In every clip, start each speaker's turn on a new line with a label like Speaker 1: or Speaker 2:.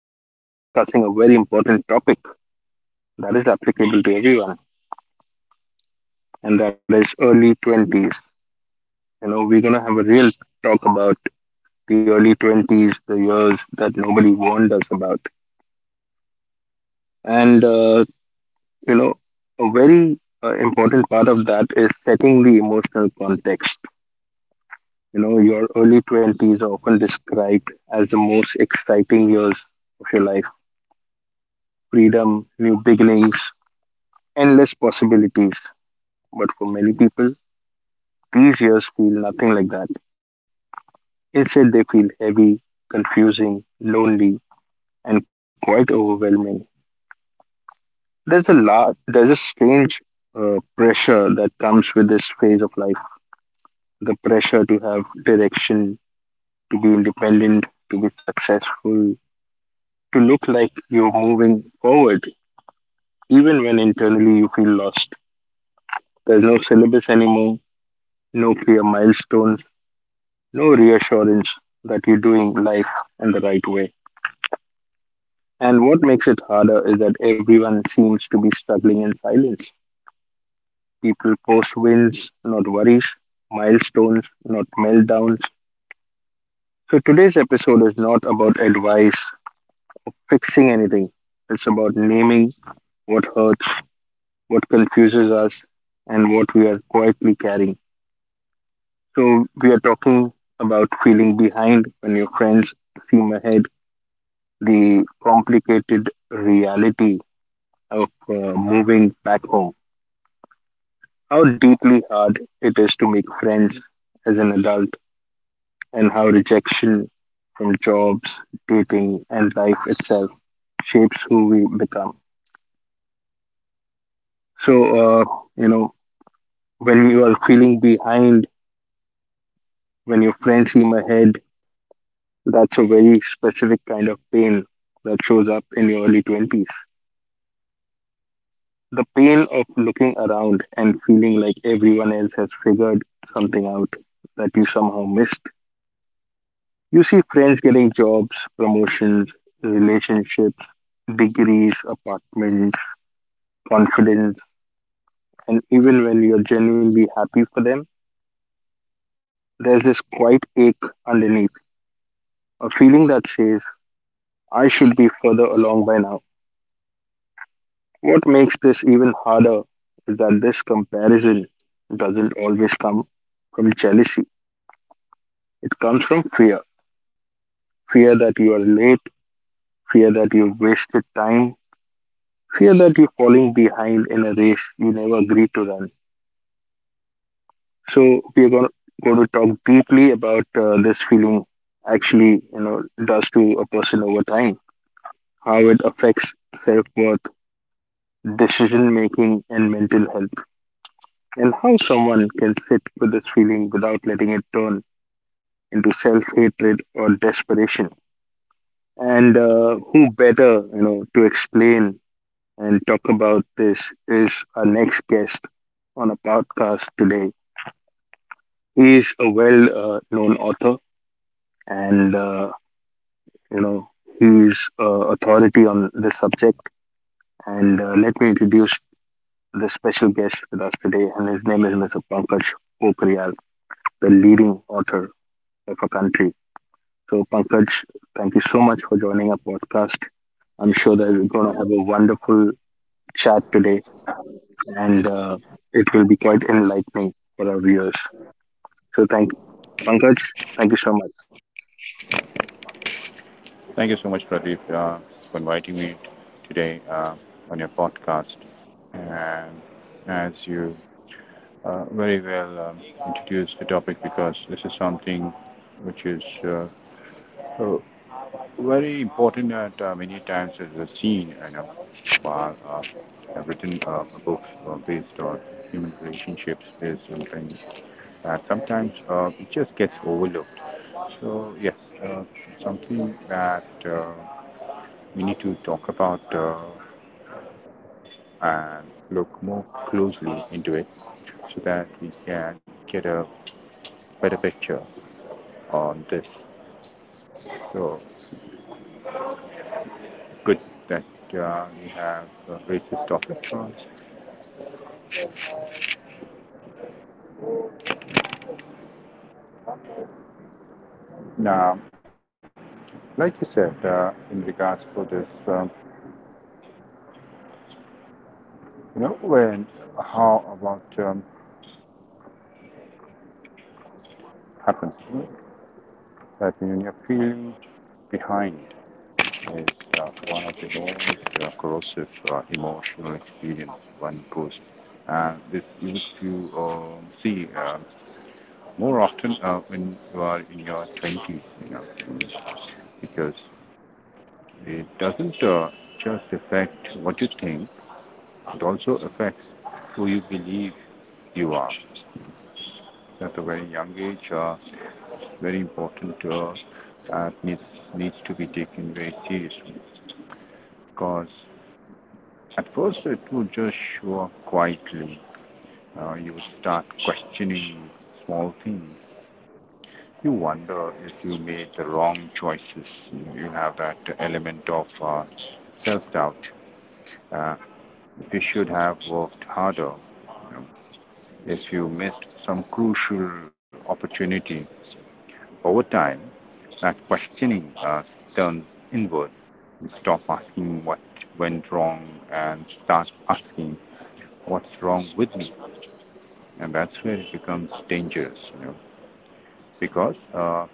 Speaker 1: we are discussing a very important topic that is applicable to everyone, and that is early 20s. You know, we're going to have a real talk about the early 20s, the years that nobody warned us about. And, uh, you know, a very important part of that is setting the emotional context. You know, your early 20s are often described as the most exciting years of your life, freedom, new beginnings, endless possibilities. But for many people, these years feel nothing like that. Instead, they feel heavy, confusing, lonely, and quite overwhelming. There's a strange pressure that comes with this phase of life, the pressure to have direction, to be independent, to be successful, to look like you're moving forward, even when internally you feel lost. There's no syllabus anymore, no clear milestones, no reassurance that you're doing life in the right way. And what makes it harder is that everyone seems to be struggling in silence. People post wins, not worries, milestones, not meltdowns. So today's episode is not about advice, fixing anything. It's about naming what hurts, what confuses us, and what we are quietly carrying. So we are talking about feeling behind when your friends seem ahead, the complicated reality of moving back home, how deeply hard it is to make friends as an adult, and how rejection from jobs, dating, and life itself shapes who we become. So, you know, when you are feeling behind, when your friends seem ahead, that's a very specific kind of pain that shows up in your early 20s. The pain of looking around and feeling like everyone else has figured something out that you somehow missed. You see friends getting jobs, promotions, relationships, degrees, apartments, confidence, and even when you're genuinely happy for them, there's this quiet ache underneath, a feeling that says, I should be further along by now. What makes this even harder is that this comparison doesn't always come from jealousy, it comes from fear, fear that you are late, fear that you've wasted time, fear that you're falling behind in a race you never agreed to run. So we are going to talk deeply about this feeling actually, you know, does to a person over time, how it affects self worth, decision making, and mental health, and how someone can sit with this feeling without letting it turn into self hatred or desperation. And who better, you know, to explain and talk about this is our next guest on a podcast today. He is a well known author and uh, You know, he's uh, authority on this subject. And Let me introduce the special guest with us today, and his name is Mr. Pankaj Pokriyal, the leading author of our country. So, Pankaj, thank you so much for joining our podcast. I'm sure that we're going to have a wonderful chat today, and it will be quite enlightening for our viewers. So, thank Pankaj, thank you so much.
Speaker 2: Thank you so much, Pradeep, for inviting me today on your podcast. And as you very well introduced the topic, because this is something which is uh, very important that many times is a scene, while I've written a book based on human relationships is something that sometimes it just gets overlooked. So yes, uh, something that, we need to talk about and look more closely into it so that we can get a better picture on this. So good that we have raised this topic. Now, like you said, in regards for this, when how about um, happens that you know, you behind is one of the most corrosive emotional experience one goes. This you to see more often when you are in your 20s, you know, because it doesn't just affect what you think, it also affects who you believe you are. At a very young age, very important that needs to be taken very seriously because at first, it would just show up quietly. You start questioning small things. You wonder if you made the wrong choices. You have that element of self doubt. Uh, if you should have worked harder, you know, if you missed some crucial opportunity, over time, that questioning turns inward. You stop asking what went wrong and start asking what's wrong with me. And that's where it becomes dangerous, you know, because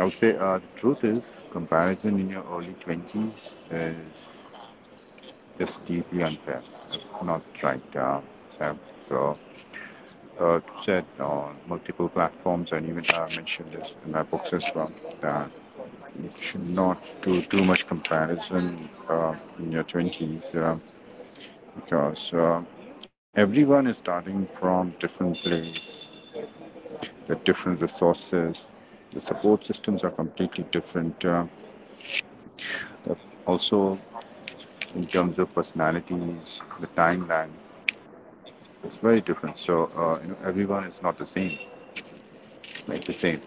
Speaker 2: I would say the truth is, comparison in your early 20s is just deeply unfair. It's not right. Uh, so, so uh, said on multiple platforms and even I mentioned this in my books as well that you should not do too much comparison uh, in your 20s because everyone is starting from different place, the different resources, the support systems are completely different. Also, in terms of personalities, the timeline, it's very different. So you know, everyone is not the same, like the same.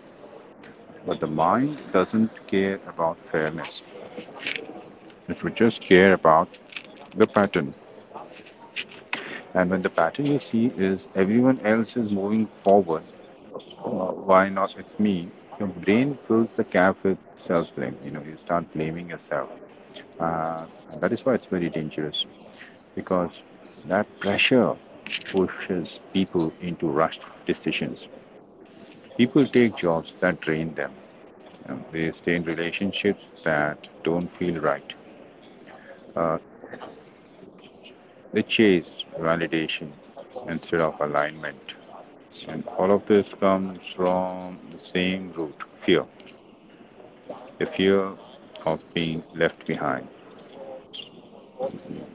Speaker 2: But the mind doesn't care about fairness. It would just care about the pattern. And when the pattern you see is everyone else is moving forward, why not it's me? Your brain fills the gap with self-blame. You know, you start blaming yourself. Uh, and that is why it's very dangerous because that pressure pushes people into rushed decisions. People take jobs that drain them, and they stay in relationships that don't feel right. Uh, they chase validation instead of alignment. And all of this comes from the same root fear. The fear of being left behind.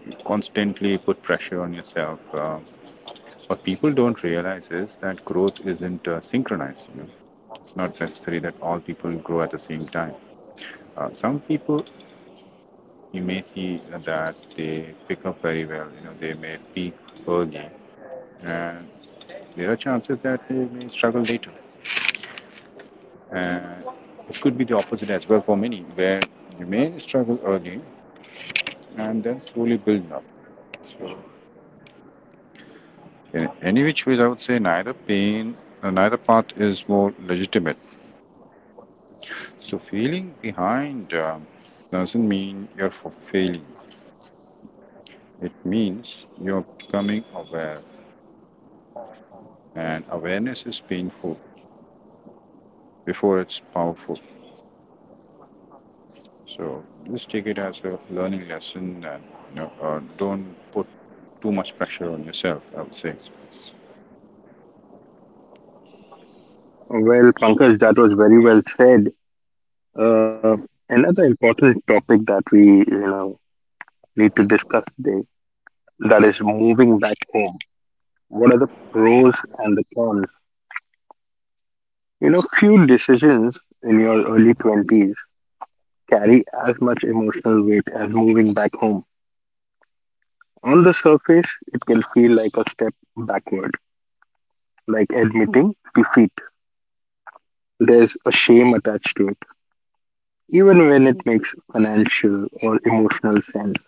Speaker 2: You constantly put pressure on yourself. So what people don't realize is that growth isn't synchronized. You know, it's not necessary that all people grow at the same time. Some people you may see that they pick up very well. You know, they may peak early, and there are chances that they may struggle later. And it could be the opposite as well for many, where you may struggle early and then slowly build up. So, in any which way, I would say neither neither path is more legitimate. So feeling behind doesn't mean you're for failing. It means you're becoming aware, and awareness is painful before it's powerful. So just take it as a learning lesson, and don't put too much pressure on yourself, I would say.
Speaker 1: Well, Pankaj, that was very well said. Uh, Another important topic that we, you know, need to discuss today, that is moving back home. What are the pros and the cons? You know, few decisions in your early 20s carry as much emotional weight as moving back home. On the surface, it can feel like a step backward, like admitting defeat. There's a shame attached to it, even when it makes financial or emotional sense.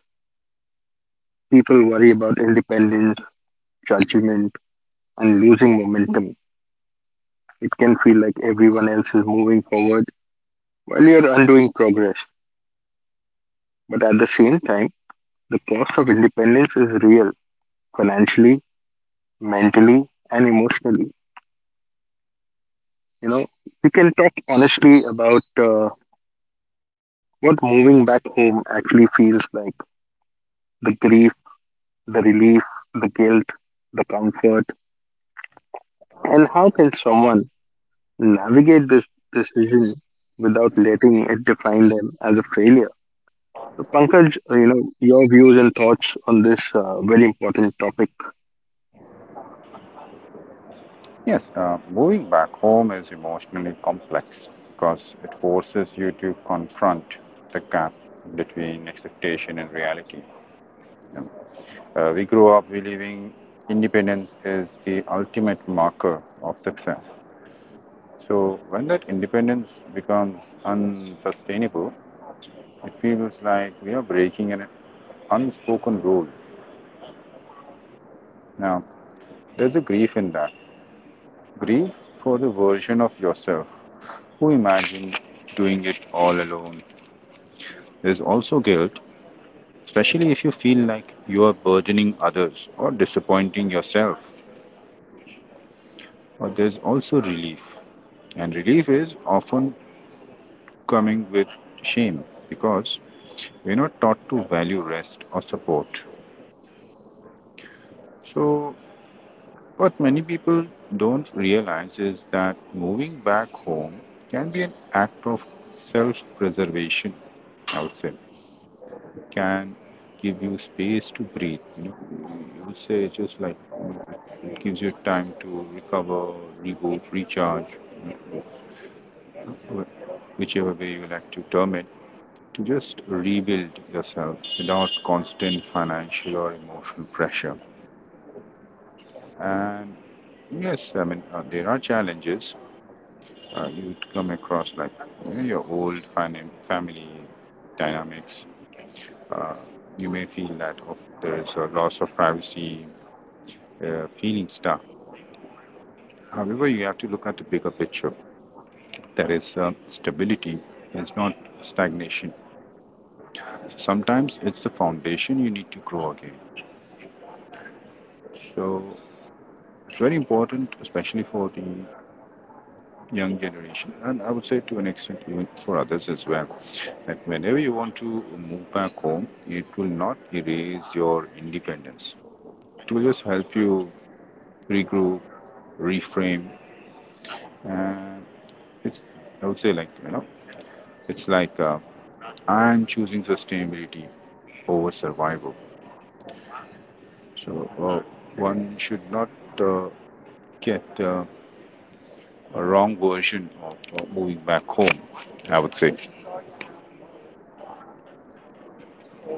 Speaker 1: People worry about independence, judgment, and losing momentum. It can feel like everyone else is moving forward while you're undoing progress, but at the same time, the cost of independence is real, financially, mentally, and emotionally. You know, we can talk honestly about what moving back home actually feels like, the grief, the relief, the guilt, the comfort, and how can someone navigate this decision without letting it define them as a failure? So, Pankaj, you know, your views and thoughts on this very important topic.
Speaker 2: Yes, moving back home is emotionally complex because it forces you to confront the gap between expectation and reality. You know, we grew up believing independence is the ultimate marker of success. So when that independence becomes unsustainable, it feels like we are breaking an unspoken rule. Now, there's a grief in that. Grief for the version of yourself who imagined doing it all alone. There's also guilt, especially if you feel like you are burdening others or disappointing yourself. But there's also relief, and relief is often coming with shame because we're not taught to value rest or support. So, what many people don't realize is that moving back home can be an act of self preservation, I would say. It can give you space to breathe. You know, you would say just like it gives you time to recover, reboot, recharge, whichever way you like to term it. To just rebuild yourself without constant financial or emotional pressure. And yes, I mean, there are challenges you'd come across, like you know, your old family dynamics. Uh, you may feel that oh, there is a loss of privacy, feeling stuck. However, you have to look at the bigger picture. That is, stability is not stagnation. Sometimes it's the foundation you need to grow again. So it's very important, especially for the young generation, and I would say to an extent even for others as well, that whenever you want to move back home, it will not erase your independence. It will just help you regroup, reframe, and it's, I would say, like you know, it's like I'm choosing sustainability over survival. So one should not uh, get a wrong version of moving back home, I would say.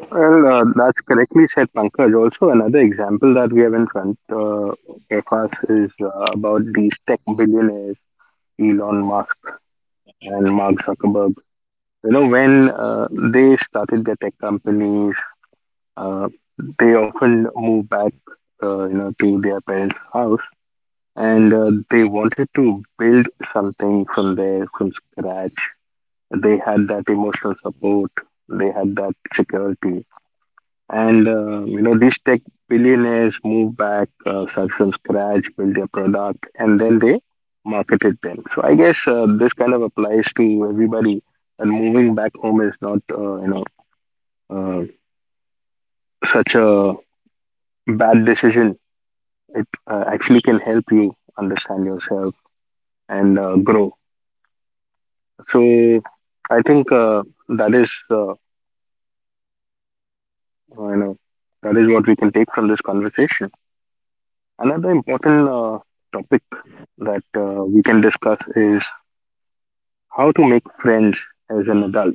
Speaker 1: Well, that's correctly said, Pankaj. Also, another example that we have in front of us is about these tech billionaires, Elon Musk and Mark Zuckerberg. You know, when they started their tech companies, uh, they often moved back, you know, to their parents' house, and they wanted to build something from there, from scratch. They had that emotional support. They had that security. And you know, these tech billionaires move back, start from scratch, build their product, and then they market it. Then, so I guess this kind of applies to everybody. And moving back home is not uh, such a bad decision. It actually can help you understand yourself and grow. So I think that is you know, that is what we can take from this conversation. Another important topic that we can discuss is how to make friends as an adult.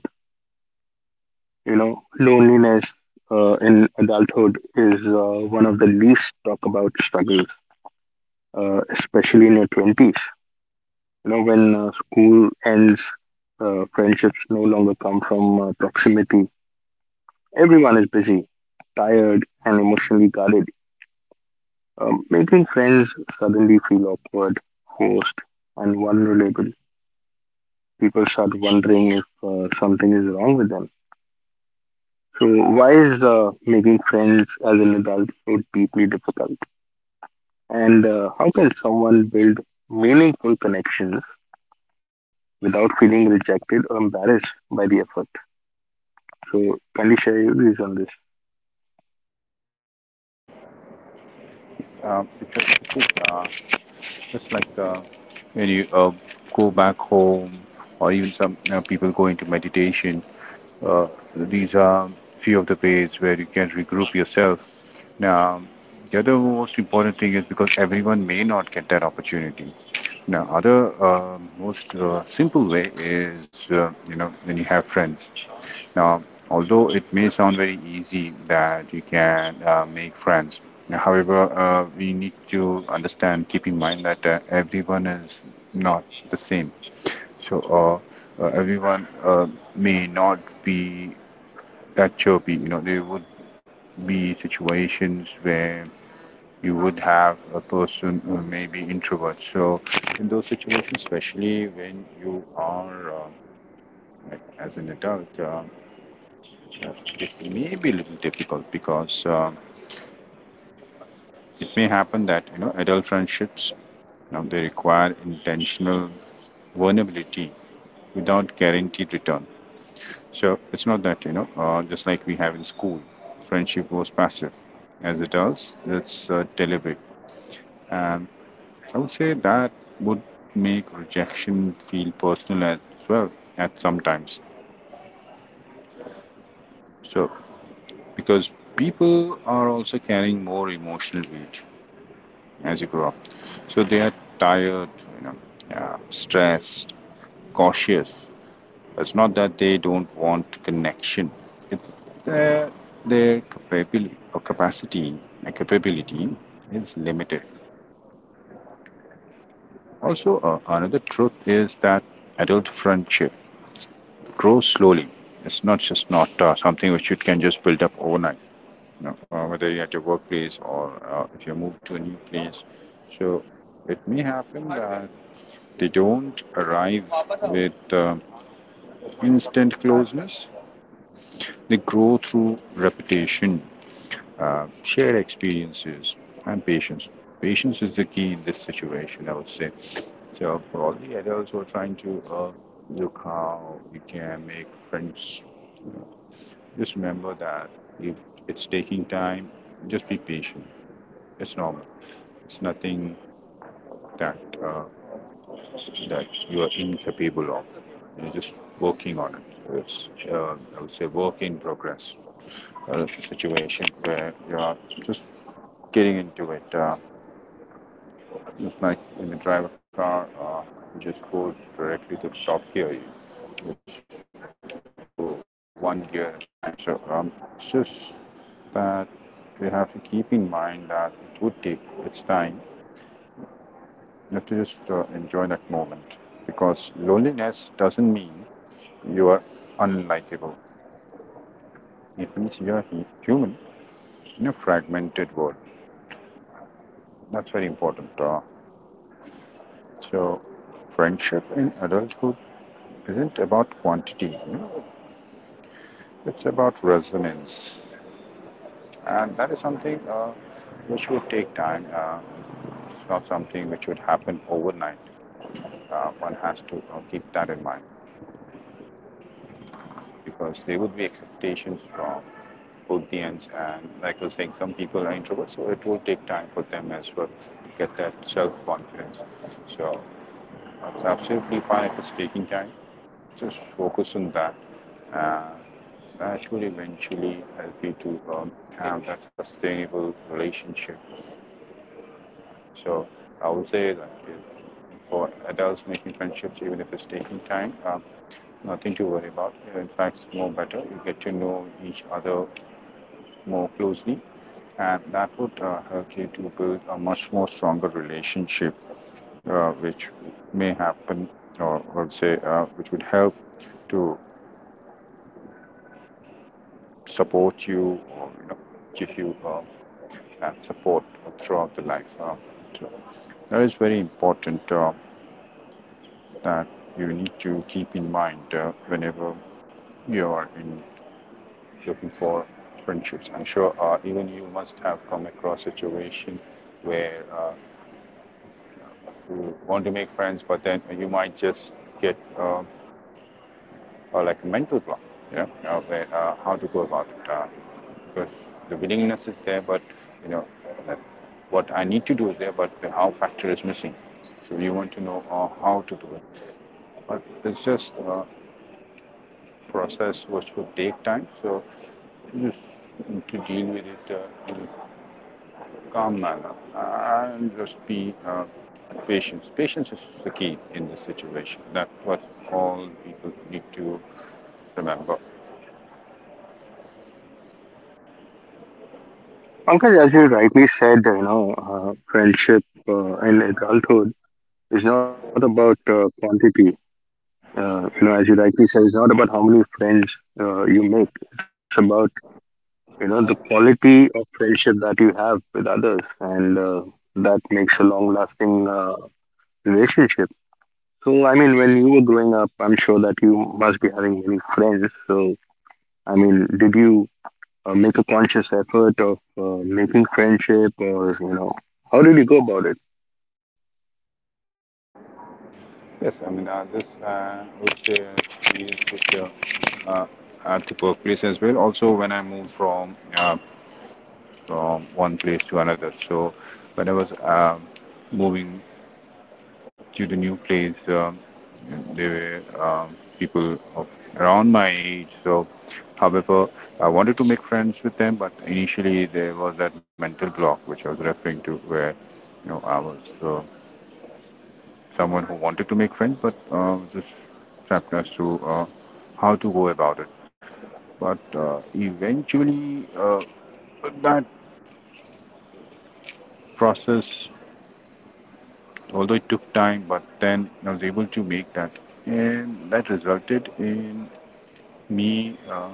Speaker 1: You know, loneliness in adulthood is one of the least talked about struggles, especially in your 20s. You know, when school ends, friendships no longer come from proximity. Everyone is busy, tired, and emotionally guarded. Making friends suddenly feel awkward, forced, and vulnerable. People start wondering if something is wrong with them. So, why is making friends as an adult so deeply difficult? And how can someone build meaningful connections without feeling rejected or embarrassed by the effort? So, can you share your views on this?
Speaker 2: Because it is just like when you go back home, or even some you know, people go into meditation. Uh, these are few of the ways where you can regroup yourself. Now, the other most important thing is because everyone may not get that opportunity. Now, other most simple way is you know when you have friends. Now, although it may sound very easy that you can make friends, however, we need to understand, keep in mind that everyone is not the same. So, everyone may not be that chirpy. You know, there would be situations where you would have a person who may be introvert. So, in those situations, especially when you are uh, like as an adult. Uh, it may be a little difficult because it may happen that you know adult friendships you know, they require intentional vulnerability without guaranteed return. So it's not that you know just like we have in school, friendship was passive. As adults, it's deliberate, and I would say that would make rejection feel personal as well at sometimes. So because people are also carrying more emotional weight as you grow up, so they are tired, you know, yeah, stressed, cautious. It's not that they don't want connection. It's their their capability or capacity, capability is limited. Also, another truth is that adult friendship grows slowly. It's not something which you can just build up overnight. You know, whether you're at your workplace or if you move to a new place, so it may happen that they don't arrive with instant closeness. They grow through repetition, uh, shared experiences, and patience. Patience is the key in this situation, I would say. So for all the adults who are trying to look how you can make friends, just remember that if it's taking time, just be patient. It's normal. It's nothing that uh, you are incapable of. You're just working on it. It's, I would say, work in progress uh, situation where you are just getting into it. It's like when you drive a car, you just go directly to the top gear. You just go one gear at a time. So it's just that we have to keep in mind that it would take its time. You have to just enjoy that moment because loneliness doesn't mean you are unlikable. It means you are human in a fragmented world. That's very important. So, friendship in adulthood isn't about quantity, you know, it's about resonance. And that is something which would take time. It's not something which would happen overnight. One has to keep that in mind because there would be expectations from both the ends. And like I was saying, some people are introverts, so it will take time for them as well to get that self confidence. So that's absolutely fine if it's taking time. Just focus on that, and that should eventually help you to have that sustainable relationship. So I would say that for adults making friendships, even if it's taking time, nothing to worry about. In fact, it's more better. You get to know each other more closely, and that would help you to build a much more stronger relationship, which may happen, or I would say, which would help to support you or you know give you support throughout the life. So that is very important that you need to keep in mind whenever you are in looking for friendships. I'm sure even you must have come across a situation where you want to make friends, but then you might just get like a mental block, you know, where how to go about it. Because the willingness is there, but you know, what I need to do is there, but the how factor is missing. So you want to know how to do it. But it's just a process which would take time. So just to deal with it in a calm manner and just be patient. Patience is the key in this situation. That's what all people need to remember.
Speaker 1: Pankaj, as you rightly said, you know, friendship in adulthood is not about quantity. You know, as you rightly said, it's not about how many friends you make. It's about, you know, the quality of friendship that you have with others, and that makes a long lasting relationship. So I mean, when you were growing up, I'm sure that you must be having many friends. So I mean, did you make a conscious effort of making friendship, or you know, how did you go about it?
Speaker 2: Yes, I mean, this was the experience with, at the workplace as well. Also, when I moved uh, from one place to another. So when I was moving to the new place, there were people of around my age. So, however, I wanted to make friends with them, but initially there was that mental block which I was referring to, where you know I was uh, someone who wanted to make friends, but just trapped as to how to go about it. But eventually, that process, although it took time, but then I was able to make that, and that resulted in me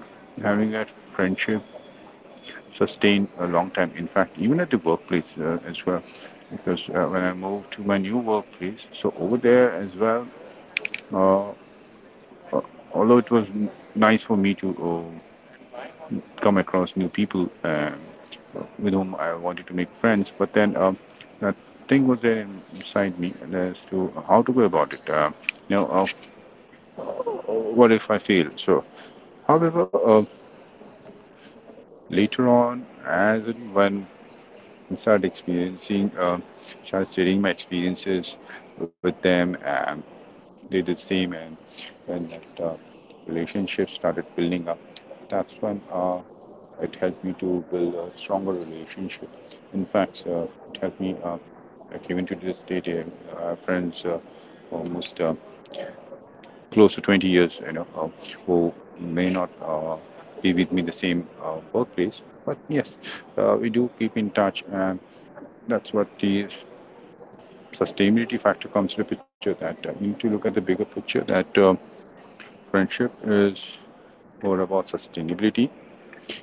Speaker 2: having that friendship sustained a long time. In fact, even at the workplace as well, because when I moved to my new workplace, so over there as well, uh, uh, although it was nice for me to come across new people with whom I wanted to make friends, but then that thing was there inside me as to how to go about it. You know, what if I fail? So, however, later on, as when I started experiencing, start sharing my experiences with them, and they did the same, and when that relationship started building up, that's when it helped me to build a stronger relationship. In fact, it helped me. I came into this state, friends almost. Close to 20 years, you know, who may not be with me in the same workplace. But yes, we do keep in touch, and that's what the sustainability factor comes into picture. That you need to look at the bigger picture. That friendship is more about sustainability,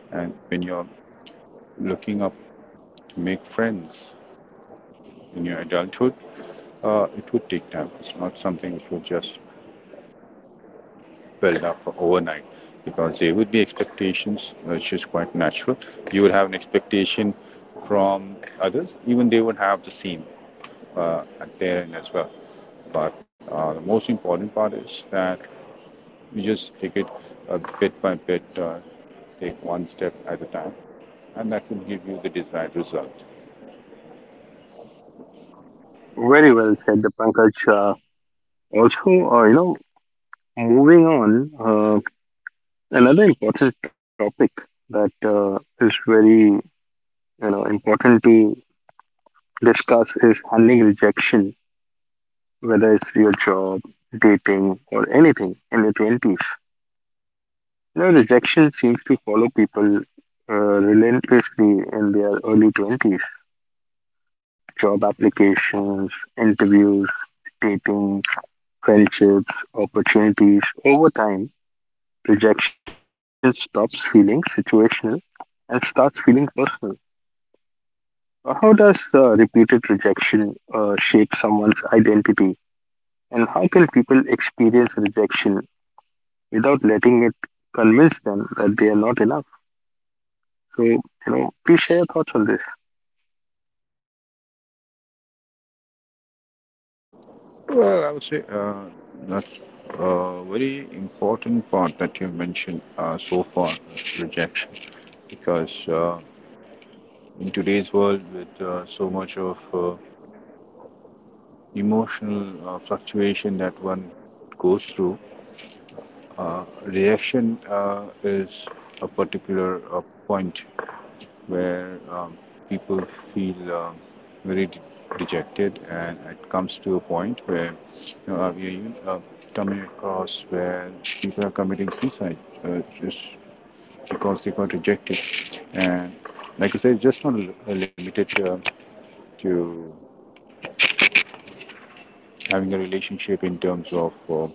Speaker 2: and when you're looking up to make friends in your adulthood, it would take time. It's not something which will just well enough overnight because there would be expectations, which is quite natural. You would have an expectation from others, even they would have the same at their end as well. But the most important part is that you just take it bit by bit, take one step at a time, and that will give you the desired result.
Speaker 1: Very well said, the Pankaj. Also, you know, moving on, uh, another important topic that is very, you know, important to discuss is handling rejection, whether it's your job, dating, or anything in your 20s. You know, rejection seems to follow people uh, relentlessly in their early 20s. Job applications, interviews, dating, friendships, opportunities. Over time, rejection stops feeling situational and starts feeling personal. How does repeated rejection shape someone's identity? And how can people experience rejection without letting it convince them that they are not enough? So, you know, please share your thoughts on this.
Speaker 2: Well, I would say that's a very important part that you mentioned so far, rejection, because in today's world with so much of emotional fluctuation that one goes through, uh, reaction is a particular point where people feel very dejected, and it comes to a point where you know, we are coming across where people are committing suicide just because they got rejected. And like I said, it's just not limited to having a relationship in terms of you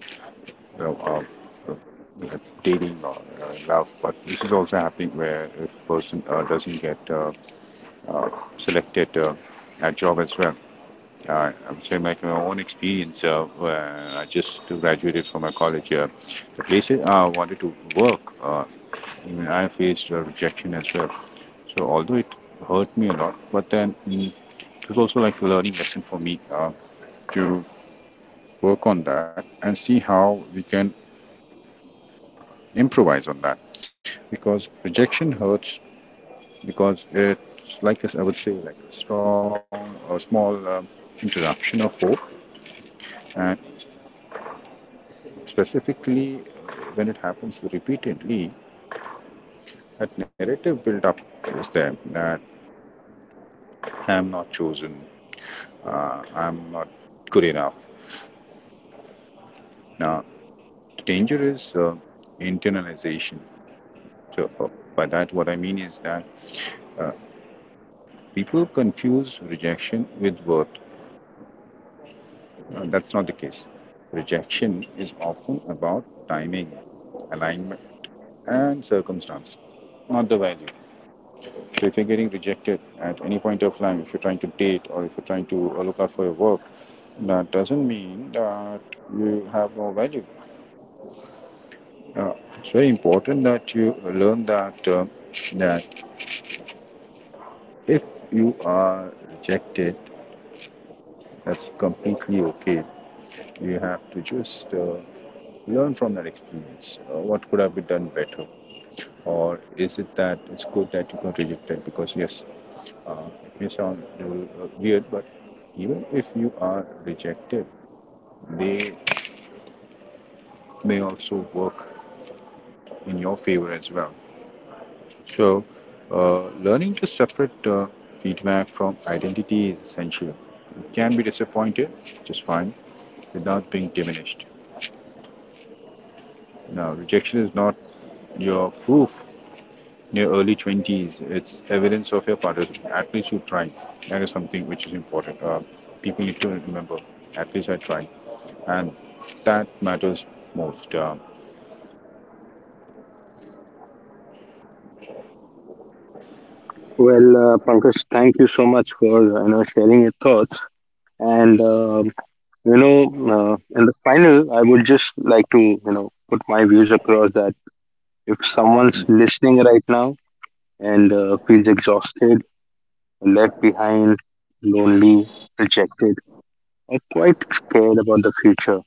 Speaker 2: know, you dating or you know, in love, but this is also happening where a person doesn't get uh, selected at job as well. I'm saying like my own experience where I just graduated from a college. The places I wanted to work, uh, even I faced rejection as well. So although it hurt me a lot, but then it was also like a learning lesson for me to work on that and see how we can improvise on that because rejection hurts because it's like this, I would say, like a strong or small interruption of hope, and specifically when it happens repeatedly, that narrative build up is there, that I am not chosen, I'm not good enough. Now the danger is internalization. So by that what I mean is that uh, people confuse rejection with worth. That's not the case. Rejection is often about timing, alignment, and circumstance, not the value. So if you're getting rejected at any point of time, if you're trying to date or if you're trying to look out for your work, that doesn't mean that you have no value. Uh, it's very important that you learn that that if you are rejected, that's completely okay. You have to just learn from that experience. What could have been done better? Or is it that it's good that you got rejected? Because, yes, uh, it may sound weird, but even if you are rejected, they may also work in your favor as well. So, learning to separate feedback from identity is essential. You can be disappointed, just fine, without being diminished. Now, rejection is not your proof. In your early 20s, it's evidence of your participation. At least you tried. That is something which is important. People need to remember, at least I tried. And that matters most.
Speaker 1: Well, Pankaj, thank you so much for, you know, sharing your thoughts. And you know, in the final, I would just like to, you know, put my views across that if someone's listening right now and feels exhausted, left behind, lonely, rejected, or quite scared about the future,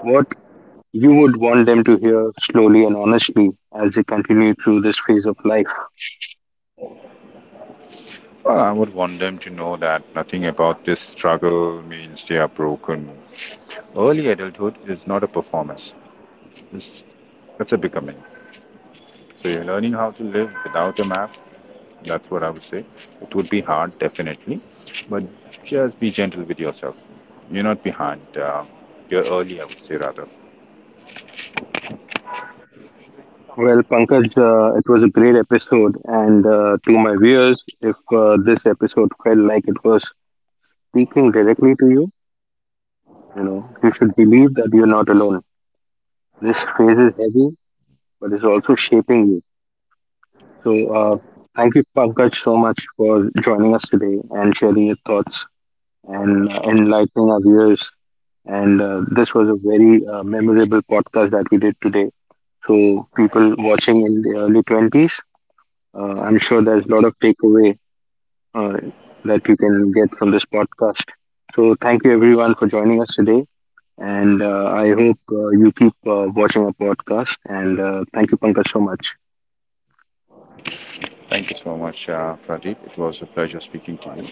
Speaker 1: what you would want them to hear slowly and honestly as they continue through this phase of life.
Speaker 2: Well, I would want them to know that nothing about this struggle means they are broken. Early adulthood is not a performance, it's, it's a becoming. So you're learning how to live without a map. That's what I would say. It would be hard, definitely, but just be gentle with yourself. You're not behind. You're early, I would say, rather.
Speaker 1: Well, Pankaj, it was a great episode, and to my viewers, if this episode felt like it was speaking directly to you, you know, you should believe that you're not alone. This phase is heavy, but it's also shaping you. So, thank you, Pankaj, so much for joining us today and sharing your thoughts and enlightening our viewers. And this was a very memorable podcast that we did today. So people watching in the early 20s, I'm sure there's a lot of takeaway uh, that you can get from this podcast. So thank you everyone for joining us today. And I hope you keep watching our podcast. And thank you, Pankaj, so much.
Speaker 2: Thank you so much, Pradeep. It was a pleasure speaking to you.